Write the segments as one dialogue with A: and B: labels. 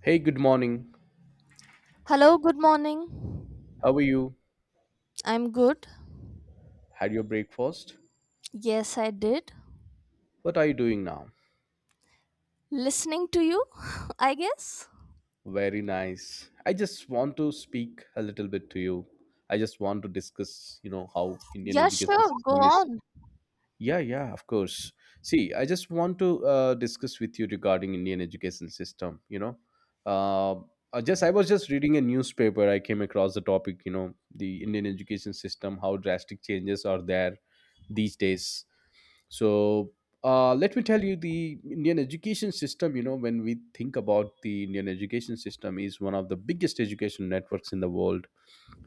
A: Hey, good morning.
B: Hello, good morning.
A: How are you?
B: I'm good.
A: Had your breakfast?
B: Yes, I did.
A: What are you doing now?
B: Listening to you, I guess.
A: Very nice. I just want to speak a little bit to you. I just want to discuss, you know, how Indian
B: Yeah,
A: education
B: sure, go
A: system is.
B: on.
A: Yeah, yeah, of course. See, I just want to discuss with you regarding Indian education system. Uh, I was just reading a newspaper. I came across the topic. You know, the Indian education system, how drastic changes are there these days. So let me tell you, the Indian education system, you know, when we think about the Indian education system, is one of the biggest education networks in the world.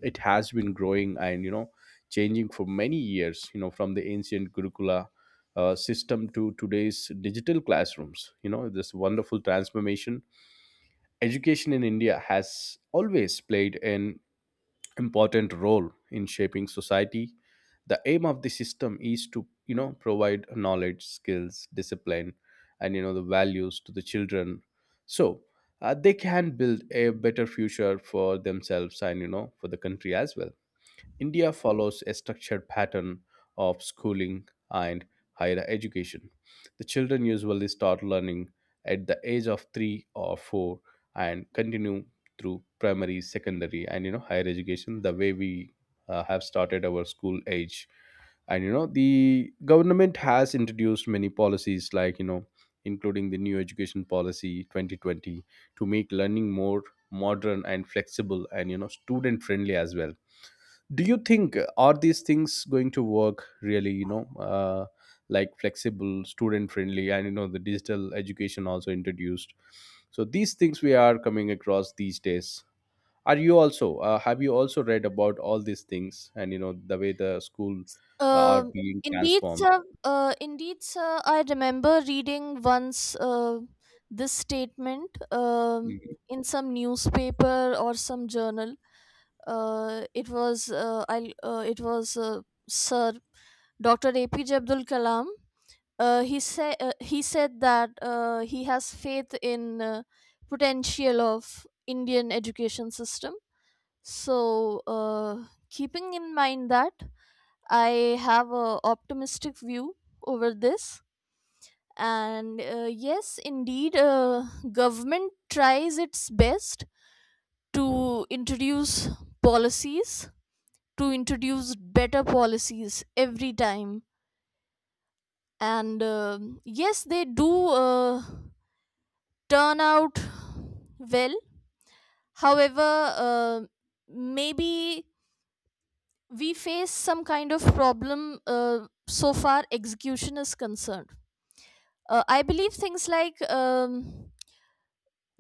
A: It has been growing and, you know, changing for many years, you know, from the ancient Gurukula system to today's digital classrooms. You know, this wonderful transformation. Education in India has always played an important role in shaping society. The aim of the system is to, you know, provide knowledge, skills, discipline, and, you know, the values to the children, so they can build a better future for themselves and, you know, for the country as well. India follows a structured pattern of schooling and higher education. The children usually start learning at the age of 3 or 4 and continue through primary, secondary, and, you know, higher education, the way we have started our school age. And you know the government has introduced many policies, like, you know, including the new education policy 2020, to make learning more modern and flexible and, you know, student friendly as well. Do you think are these things going to work really, you know, like flexible, student friendly, and, you know, the digital education also introduced, so these things we are coming across these days? Are you also have you also read about all these things and, you know, the way the school are
B: Um,
A: being
B: indeed,
A: transformed?
B: sir. Indeed, sir. I remember reading once this statement
A: Mhm.
B: in some newspaper or some journal. It was Sir Dr. APJ Abdul Kalam he said that he has faith in potential of Indian education system. So, keeping in mind that, I have a optimistic view over this. And yes, indeed, government tries its best to introduce policies, to introduce better policies every time. And yes, they do. Turn out well. However, uh, maybe we face some kind of problem so far execution is concerned. I believe things like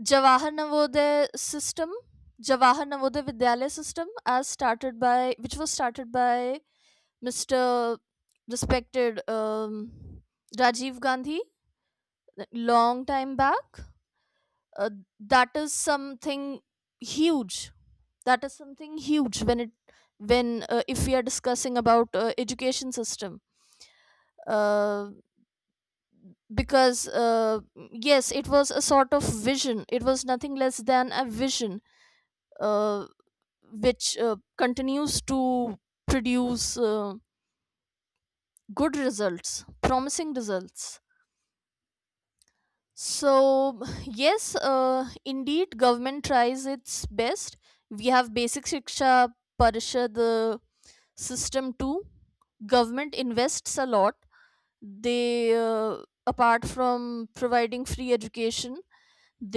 B: jawahar navodaya system jawahar navodaya vidyalaya system as started by which was started by mr respected, Rajiv Gandhi, long time back. uh, that is something huge that is something huge when it when if we are discussing about education system, uh, because yes, it was a sort of vision, it was nothing less than a vision, uh, which continues to produce good results, promising results. So yes, indeed government tries its best. We have basic shiksha parishad system two. Government invests a lot. They, apart from providing free education,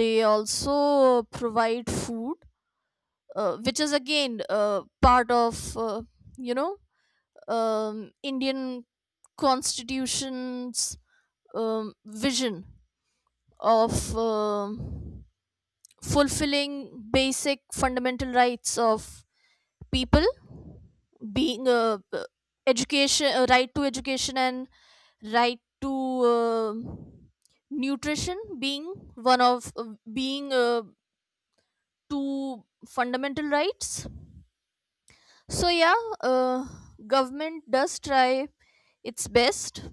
B: they also provide food, which is again part of, you know, Indian constitution's vision of fulfilling basic fundamental rights of people, being a, education, right to education and right to uh, nutrition, being one of, being, two fundamental rights. So yeah, government does try its best.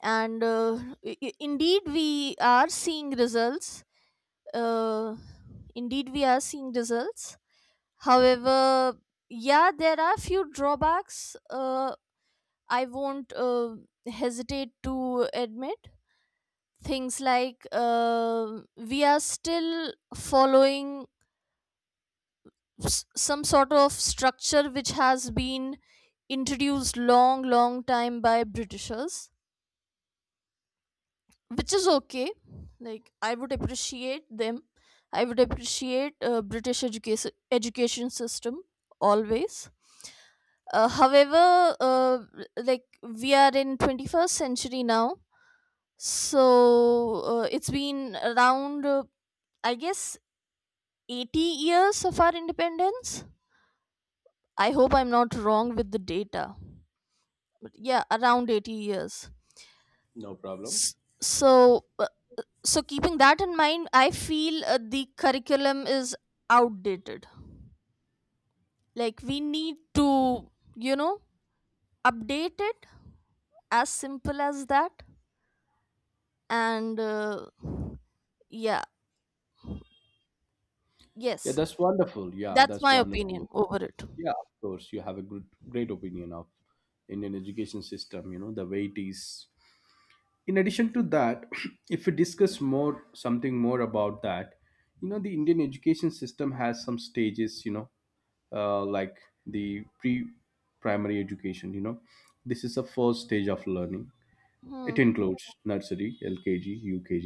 B: And indeed we are seeing results. uh, Indeed we are seeing results. However, yeah, there are few drawbacks. I won't hesitate to admit things like, we are still following some sort of structure which has been introduced long long time by britishers, which is okay. Like, I would appreciate them. I would appreciate british education system always. However, like, we are in 21st century now. So it's been around, I guess, 80 years of our independence. I hope I'm not wrong with the data, but yeah, around 80 years.
A: No problem.
B: S- So, so keeping that in mind, I feel the curriculum is outdated. Like we need to, you know, update it. As simple as that. And yeah,
A: Yeah,
B: yes,
A: that's wonderful. Yeah,
B: that's
A: that's
B: my
A: wonderful.
B: opinion over it.
A: Yeah, of course, you have a good, great opinion of Indian education system, you know, the way it is. In addition to that, if we discuss more, something more about that, you know, the Indian education system has some stages, you know, like the pre primary education, you know, this is the first stage of learning. It
B: Hmm.
A: includes nursery, LKG, UKG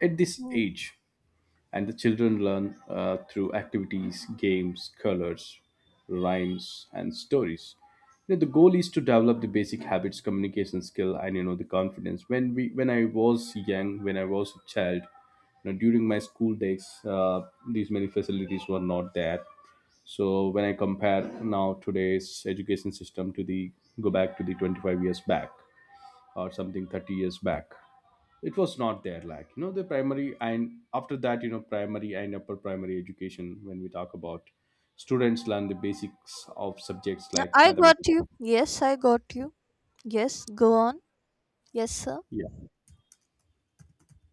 A: at this
B: Hmm.
A: age, and the children learn through activities, games, colors, rhymes, and stories. You know, the goal is to develop the basic habits, communication skill, and, you know, the confidence. When I was young, when I was a child, you know, during my school days, these many facilities were not there. So when I compare now today's education system to the, go back to the 25 years back or something 30 years back, it was not there, like, you know, the primary, and after that, you know, primary and upper primary education, when we talk about, students learn the basics of subjects like
B: I got
A: mathematics.
B: you. Yes, I got you. Yes, go on. Yes, sir.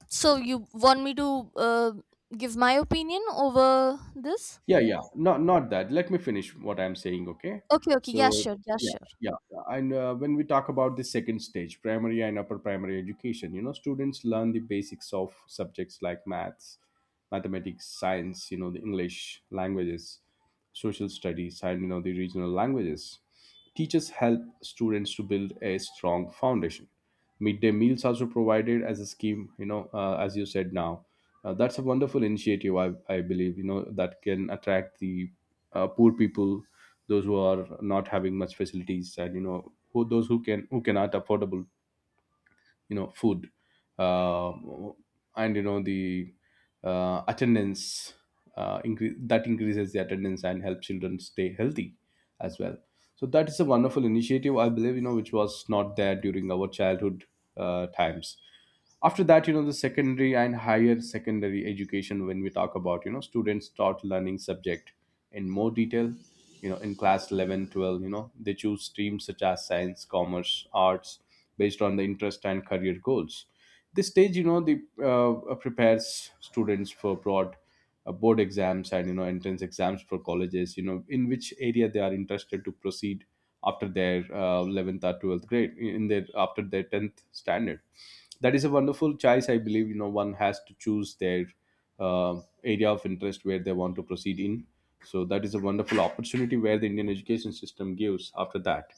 B: So you want me to give my opinion over this?
A: Yeah, yeah, not that, let me finish what I'm saying, okay?
B: Okay, okay. Yeah,
A: So
B: sure. Yeah,
A: yeah,
B: sure.
A: yeah, and when we talk about the second stage, primary and upper primary education, you know, students learn the basics of subjects like maths, mathematics, science, you know, the English languages, social studies, and, you know, the regional languages. Teachers help students to build a strong foundation. Midday meals also provided as a scheme, you know, as you said now, that's a wonderful initiative. I believe, you know, that can attract the poor people, those who are not having much facilities and, you know, who those who can who cannot affordable, you know, food, uh, and you know the attendance, increases the attendance and help children stay healthy as well. So that is a wonderful initiative, I believe, you know, which was not there during our childhood times. After that, you know, the secondary and higher secondary education, when we talk about, you know, students start learning subject in more detail, you know, in class 11, 12, you know, they choose streams such as science, commerce, arts, based on the interest and career goals. This stage, you know, the prepares students for broad board exams and, you know, entrance exams for colleges, you know, in which area they are interested to proceed after their 11th or 12th grade in their after their 10th standard. That is a wonderful choice, I believe, you know, one has to choose their uh, area of interest where they want to proceed in. So that is a wonderful opportunity where the Indian education system gives. After that,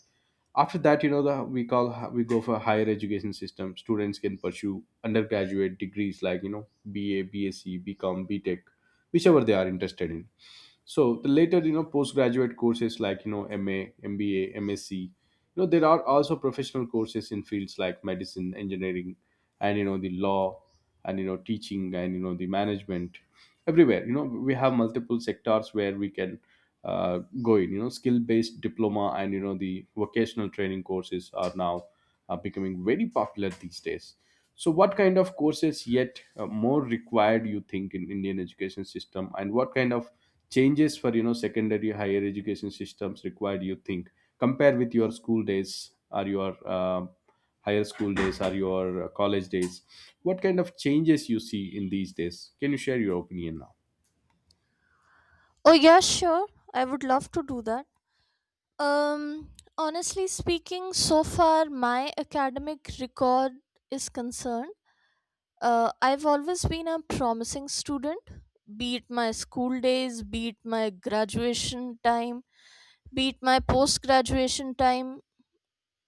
A: after that, you know, the, we call, we go for higher education system, students can pursue undergraduate degrees like, you know, BA, BSc, BCom, BTech, whichever they are interested in. So the later, you know, postgraduate courses like, you know, MA, you know, there are also professional courses in fields like medicine, engineering, and, you know, the law, and, you know, teaching, and, you know, the management. Everywhere, you know, we have multiple sectors where we can go in, you know, skill based diploma and, you know, the vocational training courses are now becoming very popular these days. So what kind of courses yet more required you think in Indian education system, and what kind of changes for, you know, secondary higher education systems required you think, compare with your school days or your higher school days or your college days, what kind of changes you see in these days, can you share your opinion now?
B: Oh, yeah, sure. I would love to do that. Um, honestly speaking, so far my academic record is concerned, I've always been a promising student, be it my school days, be it my graduation time, beat my post graduation time,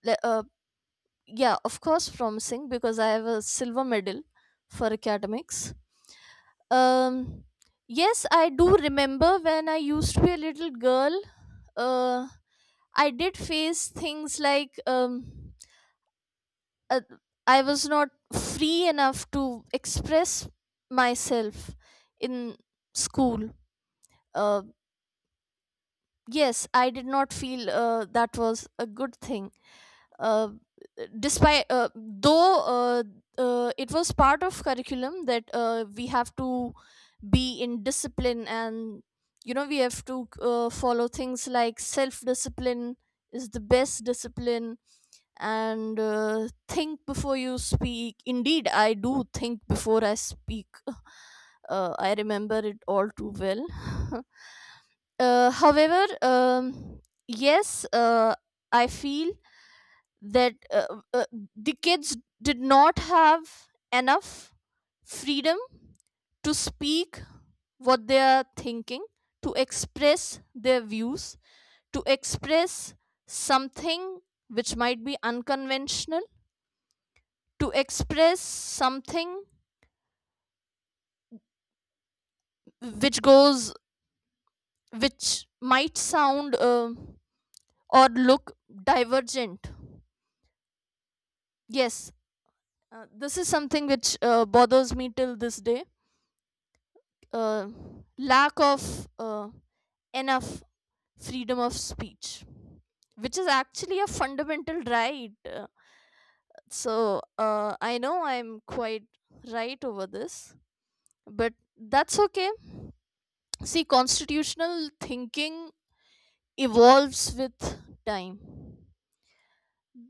B: le- uh, yeah, of course promising because I have a silver medal for academics. um yes, I do remember when I used to be a little girl. uh I did face things like, uh, I was not free enough to express myself in school. uh, yes, I did not feel that was a good thing, uh, despite, though, it was part of curriculum that we have to be in discipline, and you know we have to follow things like self discipline is the best discipline. And think before you speak. Indeed I do think before I speak. I remember it all too well. However, yes, I feel that the kids did not have enough freedom to speak what they are thinking, to express their views, to express something which might be unconventional, to express something which goes, which might sound or look divergent. Yes. This is something which bothers me till this day, uh, lack of enough freedom of speech, which is actually a fundamental right. So I know I'm quite right over this, but that's okay. See, constitutional thinking evolves with time.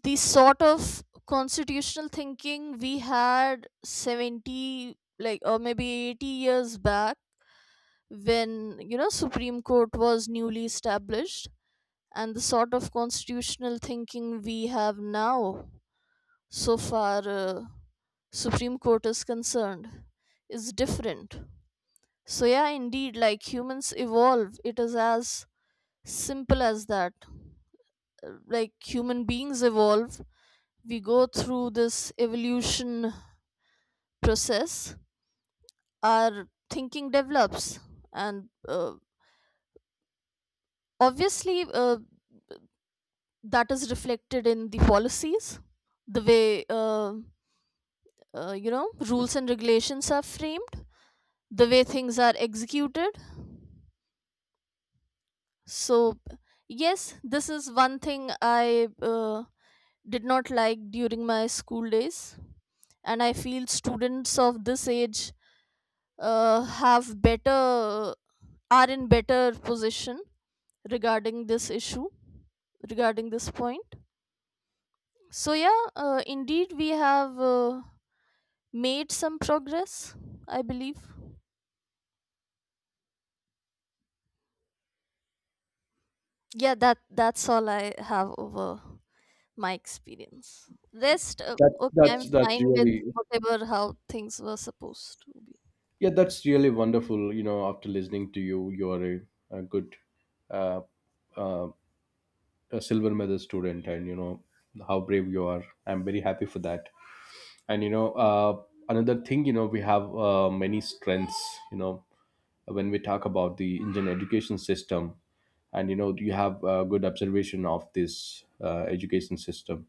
B: The sort of constitutional thinking we had 70, like, or maybe 80 years back, when, you know, supreme court was newly established, and the sort of constitutional thinking we have now, so far supreme court is concerned, is different. So yeah, indeed, like humans evolve, it is as simple as that. Like, human beings evolve, we go through this evolution process, our thinking develops, and uh, obviously uh, that is reflected in the policies, the way you know rules and regulations are framed, the way things are executed. So yes, this is one thing I did not like during my school days. And I feel students of this age have better, are in better position regarding this issue, regarding this point. So yeah, indeed we have made some progress, I believe. Yeah, that's all I have over my experience. Rest,
A: that's
B: okay,
A: that's
B: I'm
A: that's
B: fine with
A: really,
B: whatever how things were supposed to be.
A: yeah, that's really wonderful. You know, after listening to you, you are a good, uh, uh, a silver medal student, and you know how brave you are, I'm very happy for that. And you know, another thing, you know, we have many strengths, you know, when we talk about the Indian education system, and you know you have a good observation of this education system,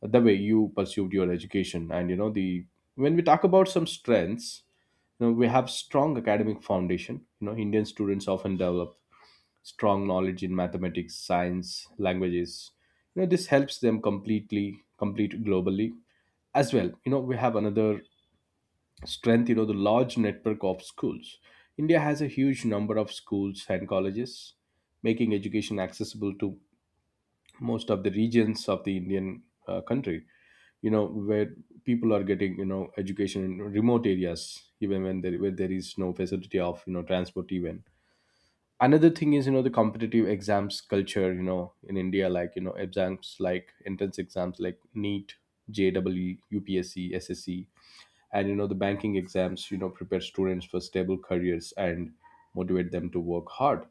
A: the way you pursued your education, and you know the, when we talk about some strengths, you know, we have strong academic foundation. You know, Indian students often develop strong knowledge in mathematics, science, languages. You know, this helps them completely complete globally as well. You know, we have another strength, you know, the large network of schools. India has a huge number of schools and colleges, making education accessible to most of the regions of the Indian country, you know, where people are getting, you know, education in remote areas, even when there, where there is no facility of, you know, transport even. Another thing is, you know, the competitive exams culture, you know, in India, like, you know, exams like entrance exams like NEET, jwe, and, you know, the banking exams, you know, prepare students for stable careers and motivate them to work hard.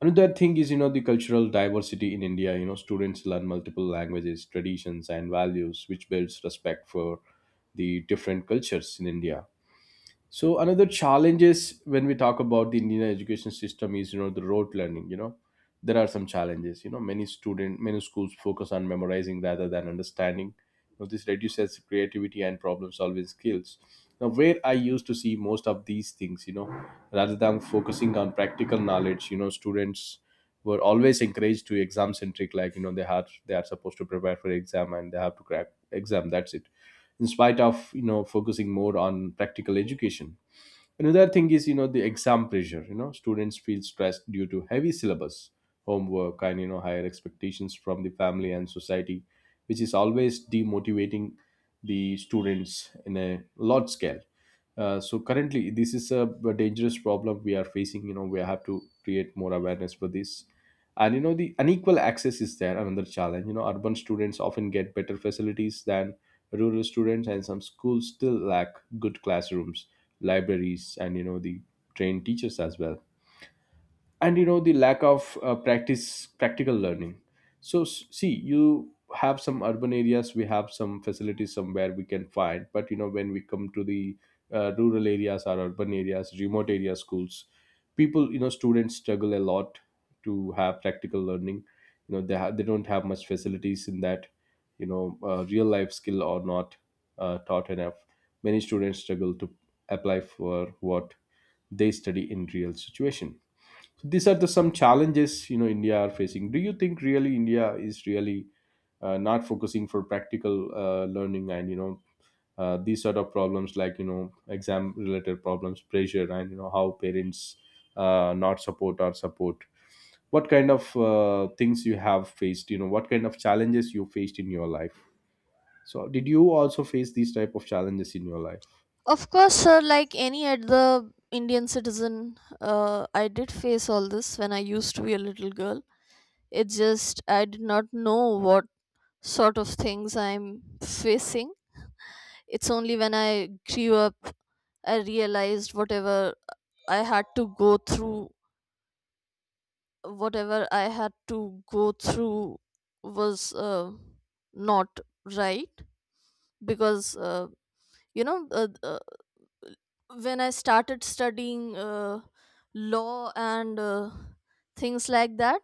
A: Another thing is, you know, the cultural diversity in India, you know, students learn multiple languages, traditions, and values, which builds respect for the different cultures in India. So another challenge is, when we talk about the Indian education system, is, you know, the rote learning. You know, there are some challenges. You know, many schools focus on memorizing rather than understanding. You know, this reduces creativity and problem solving skills. Now where I used to see most of these things, you know, rather than focusing on practical knowledge, you know, students were always encouraged to exam centric, like, you know, they are supposed to prepare for exam and they have to crack exam, that's it, in spite of, you know, focusing more on practical education. Another thing is, you know, the exam pressure. You know, students feel stressed due to heavy syllabus, homework, and, you know, higher expectations from the family and society, which is always demotivating the students in a large scale. So currently, this is a dangerous problem we are facing. You know, we have to create more awareness for this. And you know, the unequal access is there, another challenge. You know, urban students often get better facilities than rural students, and some schools still lack good classrooms, libraries, and the trained teachers as well, and the lack of practice practical learning. So see, you have some urban areas, we have some facilities somewhere we can find, but when we come to the rural areas or urban areas, remote area schools, people, students struggle a lot to have practical learning. They they don't have much facilities in that. Real life skill or not taught enough. Many students struggle to apply for what they study in real situation. These are the some challenges, India are facing. Do you think really India is really not focusing for practical learning, and these sort of problems like, exam related problems, pressure, and how parents not support or support? What kind of things you have faced, what kind of challenges you faced in your life? So did you also face these type of challenges in your life?
B: Of course, sir, like any other Indian citizen, I did face all this when I used to be a little girl. It's just I did not know what sort of things I'm facing. It's only when I grew up I realized I had to go through whatever I had to go through was not right. Because, you know, when I started studying law and things like that,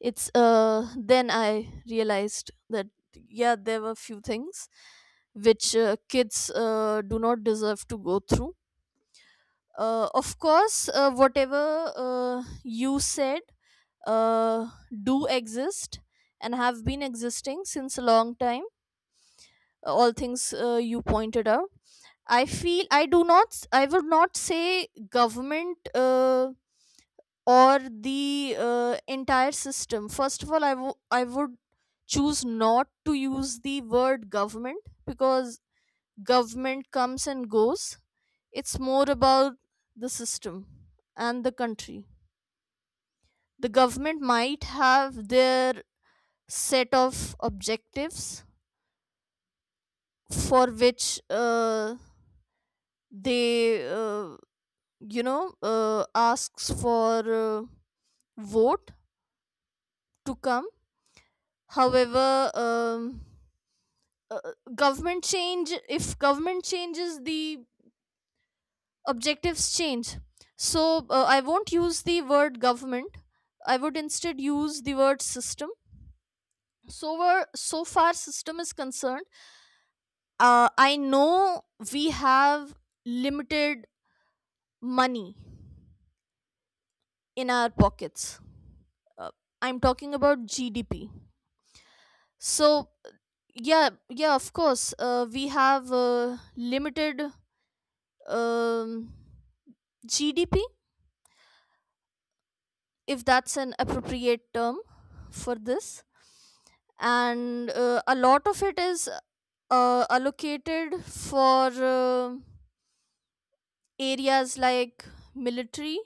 B: it's then I realized that yeah, there were few things which kids do not deserve to go through. Of course, whatever you said uh, do exist and have been existing since a long time. All things you pointed out, I feel I do not, I would not say government or the entire system. First of all, I would choose not to use the word government, because government comes and goes. It's more about the system and the country. The government might have their set of objectives for which they you know asks for vote to come. However, uh, government change. If government changes, the objectives change. So I won't use the word government. I would instead use the word system. So where, so far system is concerned, I know we have limited money in our pockets. Uh, I'm talking about GDP. So yeah, yeah, of course, we have limited um, GDP, if that's an appropriate term for this, and a lot of it is allocated for areas like military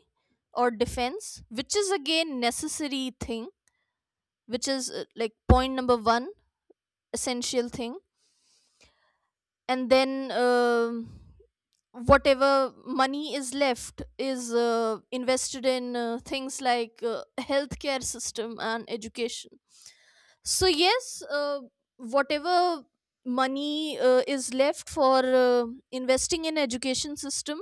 B: or defense, which is again necessary thing, which is like point number one essential thing. And then, um whatever money is left is invested in things like healthcare system and education. So yes, whatever money is left for uh, investing in education system,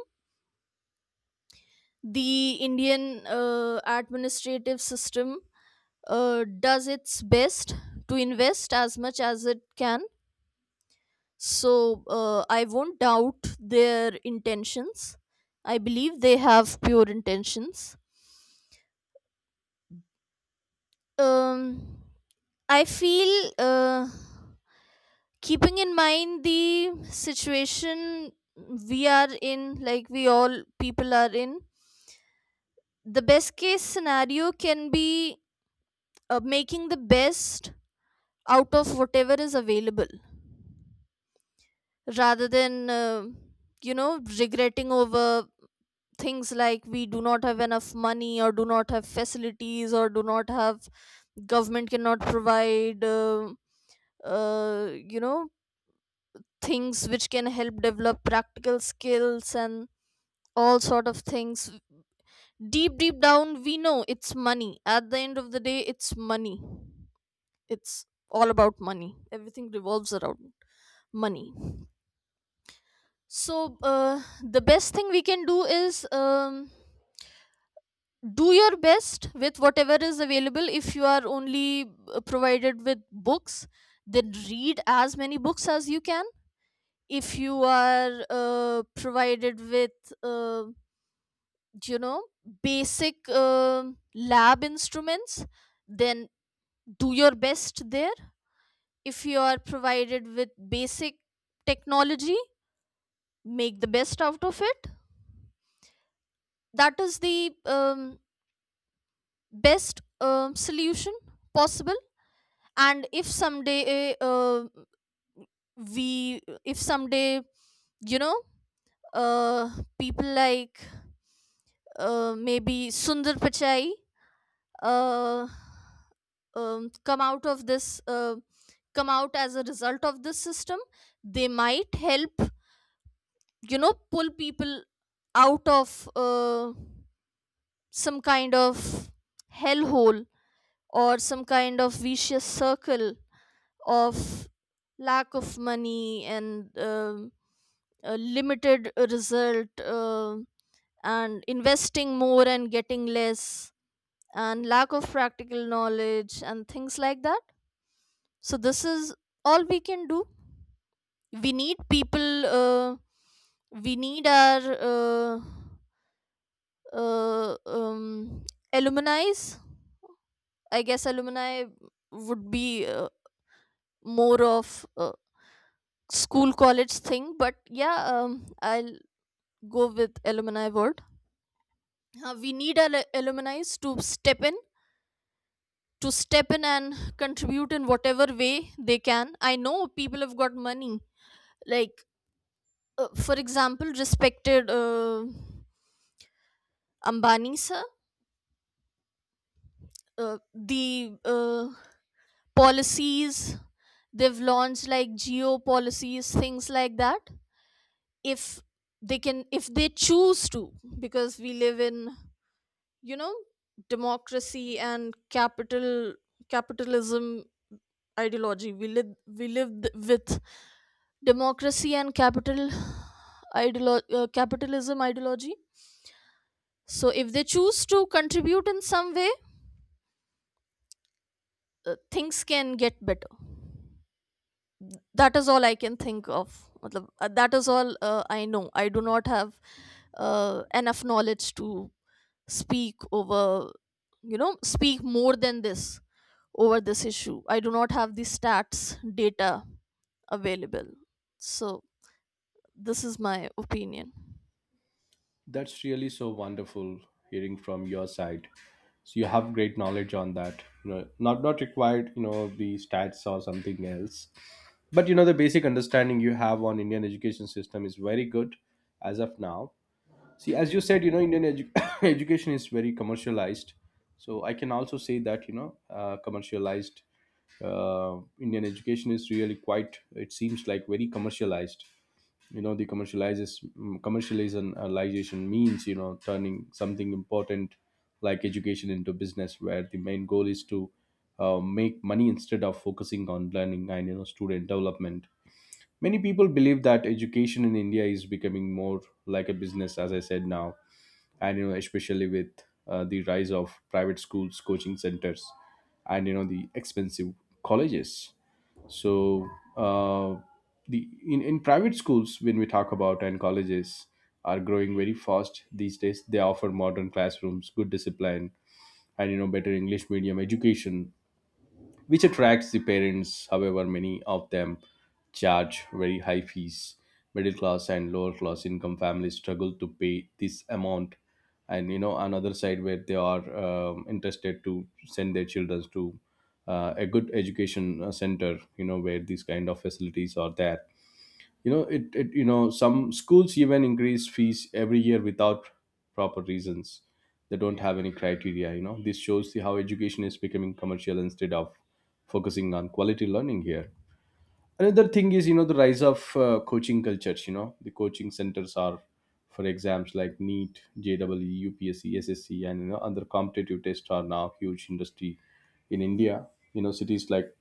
B: the Indian administrative system does its best to invest as much as it can. So I won't doubt their intentions. I believe they have pure intentions. um I feel, uh, keeping in mind the situation we are in, like we all people are in, the best case scenario can be making the best out of whatever is available, rather than, you know, regretting over things like we do not have enough money or do not have facilities or do not have government cannot provide, uh, you know, things which can help develop practical skills and all sort of things. Deep deep down we know it's money. At the end of the day it's money. It's all about money. Everything revolves around money. So the best thing we can do is, do your best with whatever is available. If you are only provided with books, then read as many books as you can. If you are provided with, you know, basic lab instruments, then do your best there. If you are provided with basic technology, make the best out of it. That is the best solution possible. And if someday, we if someday you know, uh, people like, maybe Sundar Pichai, uh, come out of this come out as a result of this system, they might help, you know, pull people out of some kind of hellhole or some kind of vicious circle of lack of money and limited result, and investing more and getting less, and lack of practical knowledge and things like that. So this is all we can do. we need people uh, we need our uh, uh, um, alumni, I guess alumni would be more of a school college thing, but yeah, I'll go with alumni word. We need our alumni to step in, and contribute in whatever way they can. I know people have got money. Like, for example, respected Ambani sir, the policies they've launched, like geo policies, things like that. If they can, if they choose to, because we live in, you know, democracy and capitalism ideology. We live with democracy and capitalism ideology. So if they choose to contribute in some way, things can get better. That is all I can think of. Matlab, that is all I know. I do not have enough knowledge to speak over, you know, speak more than this over this issue. I do not have the stats data available. So this is my opinion.
A: That's really so wonderful hearing from your side. So you have great knowledge on that. Not required, the stats or something else. But the basic understanding you have on Indian education system is very good as of now. See, as you said, Indian education is very commercialized. So I can also say that commercialized Indian education is really quite. It seems like very commercialized. The commercialization means, turning something important like education into business, where the main goal is to make money instead of focusing on learning and student development. Many people believe that education in India is becoming more like a business, as I said now, and especially with the rise of private schools, coaching centers, and the expensive colleges. So uh, the in private schools when we talk about and colleges are growing very fast these days. They offer modern classrooms, good discipline, and better English medium education, which attracts the parents. However, many of them charge very high fees. Middle class and lower class income families struggle to pay this amount. And another side where they are interested to send their children to a good education center, where these kind of facilities are there. It some schools even increase fees every year without proper reasons. They don't have any criteria. This shows the, how education is becoming commercial instead of focusing on quality learning here. Another thing is, the rise of coaching cultures. The coaching centers are for exams like NEET, JEE, UPSC SSC and other competitive tests are now huge industry in India. Cities like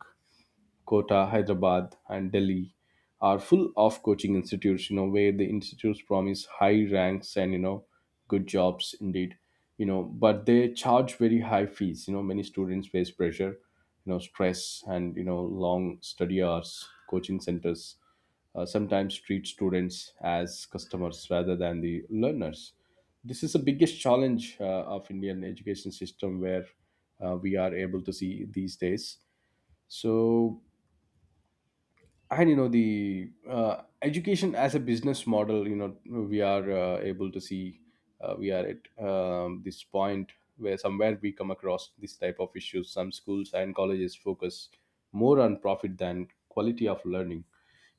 A: Kota, Hyderabad, and Delhi are full of coaching institutes, where the institutes promise high ranks and, good jobs indeed, but they charge very high fees. Many students face pressure, stress, and, long study hours. Coaching centers sometimes treat students as customers rather than the learners. This is the biggest challenge of Indian education system where we are able to see these days. So, and the education as a business model, we are able to see, we are at this point where somewhere we come across this type of issues. Some schools and colleges focus more on profit than quality of learning.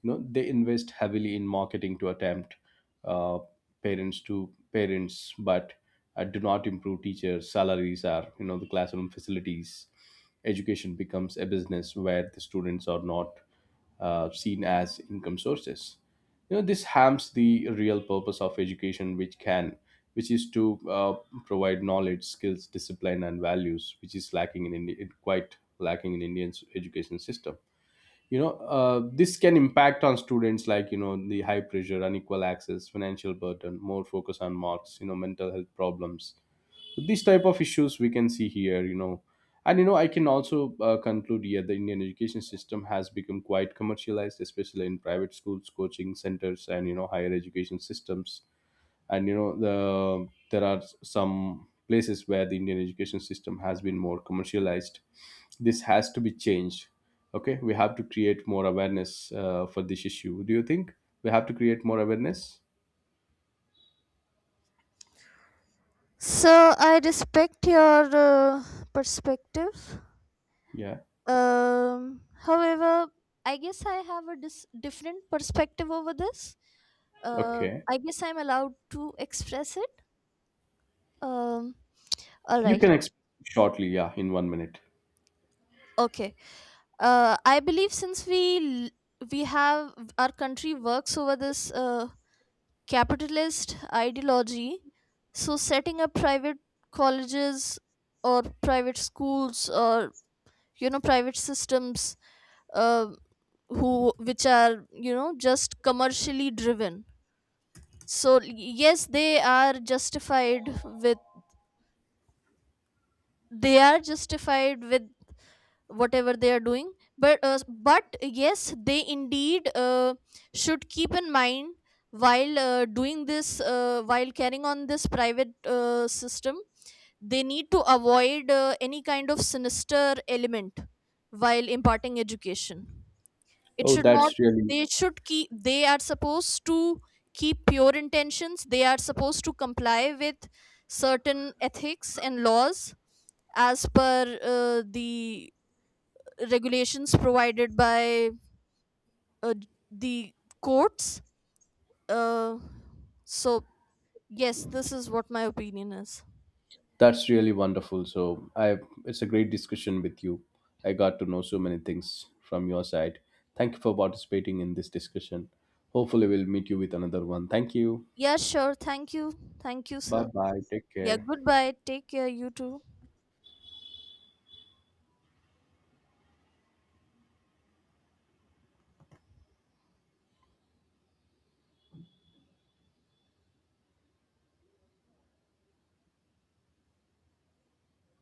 A: They invest heavily in marketing to attempt uh, parents, but do not improve teachers salaries are the classroom facilities. Education becomes a business where the students are not seen as income sources. This harms the real purpose of education, which can which is to provide knowledge, skills, discipline, and values, which is lacking in it quite lacking in Indian education system. This can impact on students like, the high pressure, unequal access, financial burden, more focus on marks, mental health problems. So these type of issues we can see here, and I can also conclude here, the Indian education system has become quite commercialized, especially in private schools, coaching centers, and higher education systems. And the there are some places where the Indian education system has been more commercialized. This has to be changed. Okay, we have to create more awareness for this issue. Do you think we have to create more awareness?
B: So I respect your perspective.
A: Yeah.
B: However, I guess I have a different perspective over this.
A: Okay,
B: I guess I'm allowed to express it. Um, all
A: you can
B: right.
A: explain shortly, yeah, in 1 minute.
B: Okay. I believe, since we we have, our country works over this capitalist ideology, so setting up private colleges or private schools or, you know, private systems uh, who, which are, you know, just commercially driven. So yes, they are justified with, they are justified with whatever they are doing, but yes, they indeed should keep in mind while doing this, while carrying on this private system. They need to avoid any kind of sinister element while imparting education. It
A: Oh,
B: should not, they should keep, they are supposed to keep pure intentions. They are supposed to comply with certain ethics and laws as per the regulations provided by uh, the courts. uh, so yes, this is what my opinion is.
A: that's really wonderful. So I, it's a great discussion with you. I got to know so many things from your side. Thank you for participating in this discussion. Hopefully we'll meet you with another one. Thank you.
B: Yeah, sure, thank you. Thank you,
A: Bye
B: sir.
A: bye, take
B: Yeah,
A: care.
B: goodbye, take care, you too.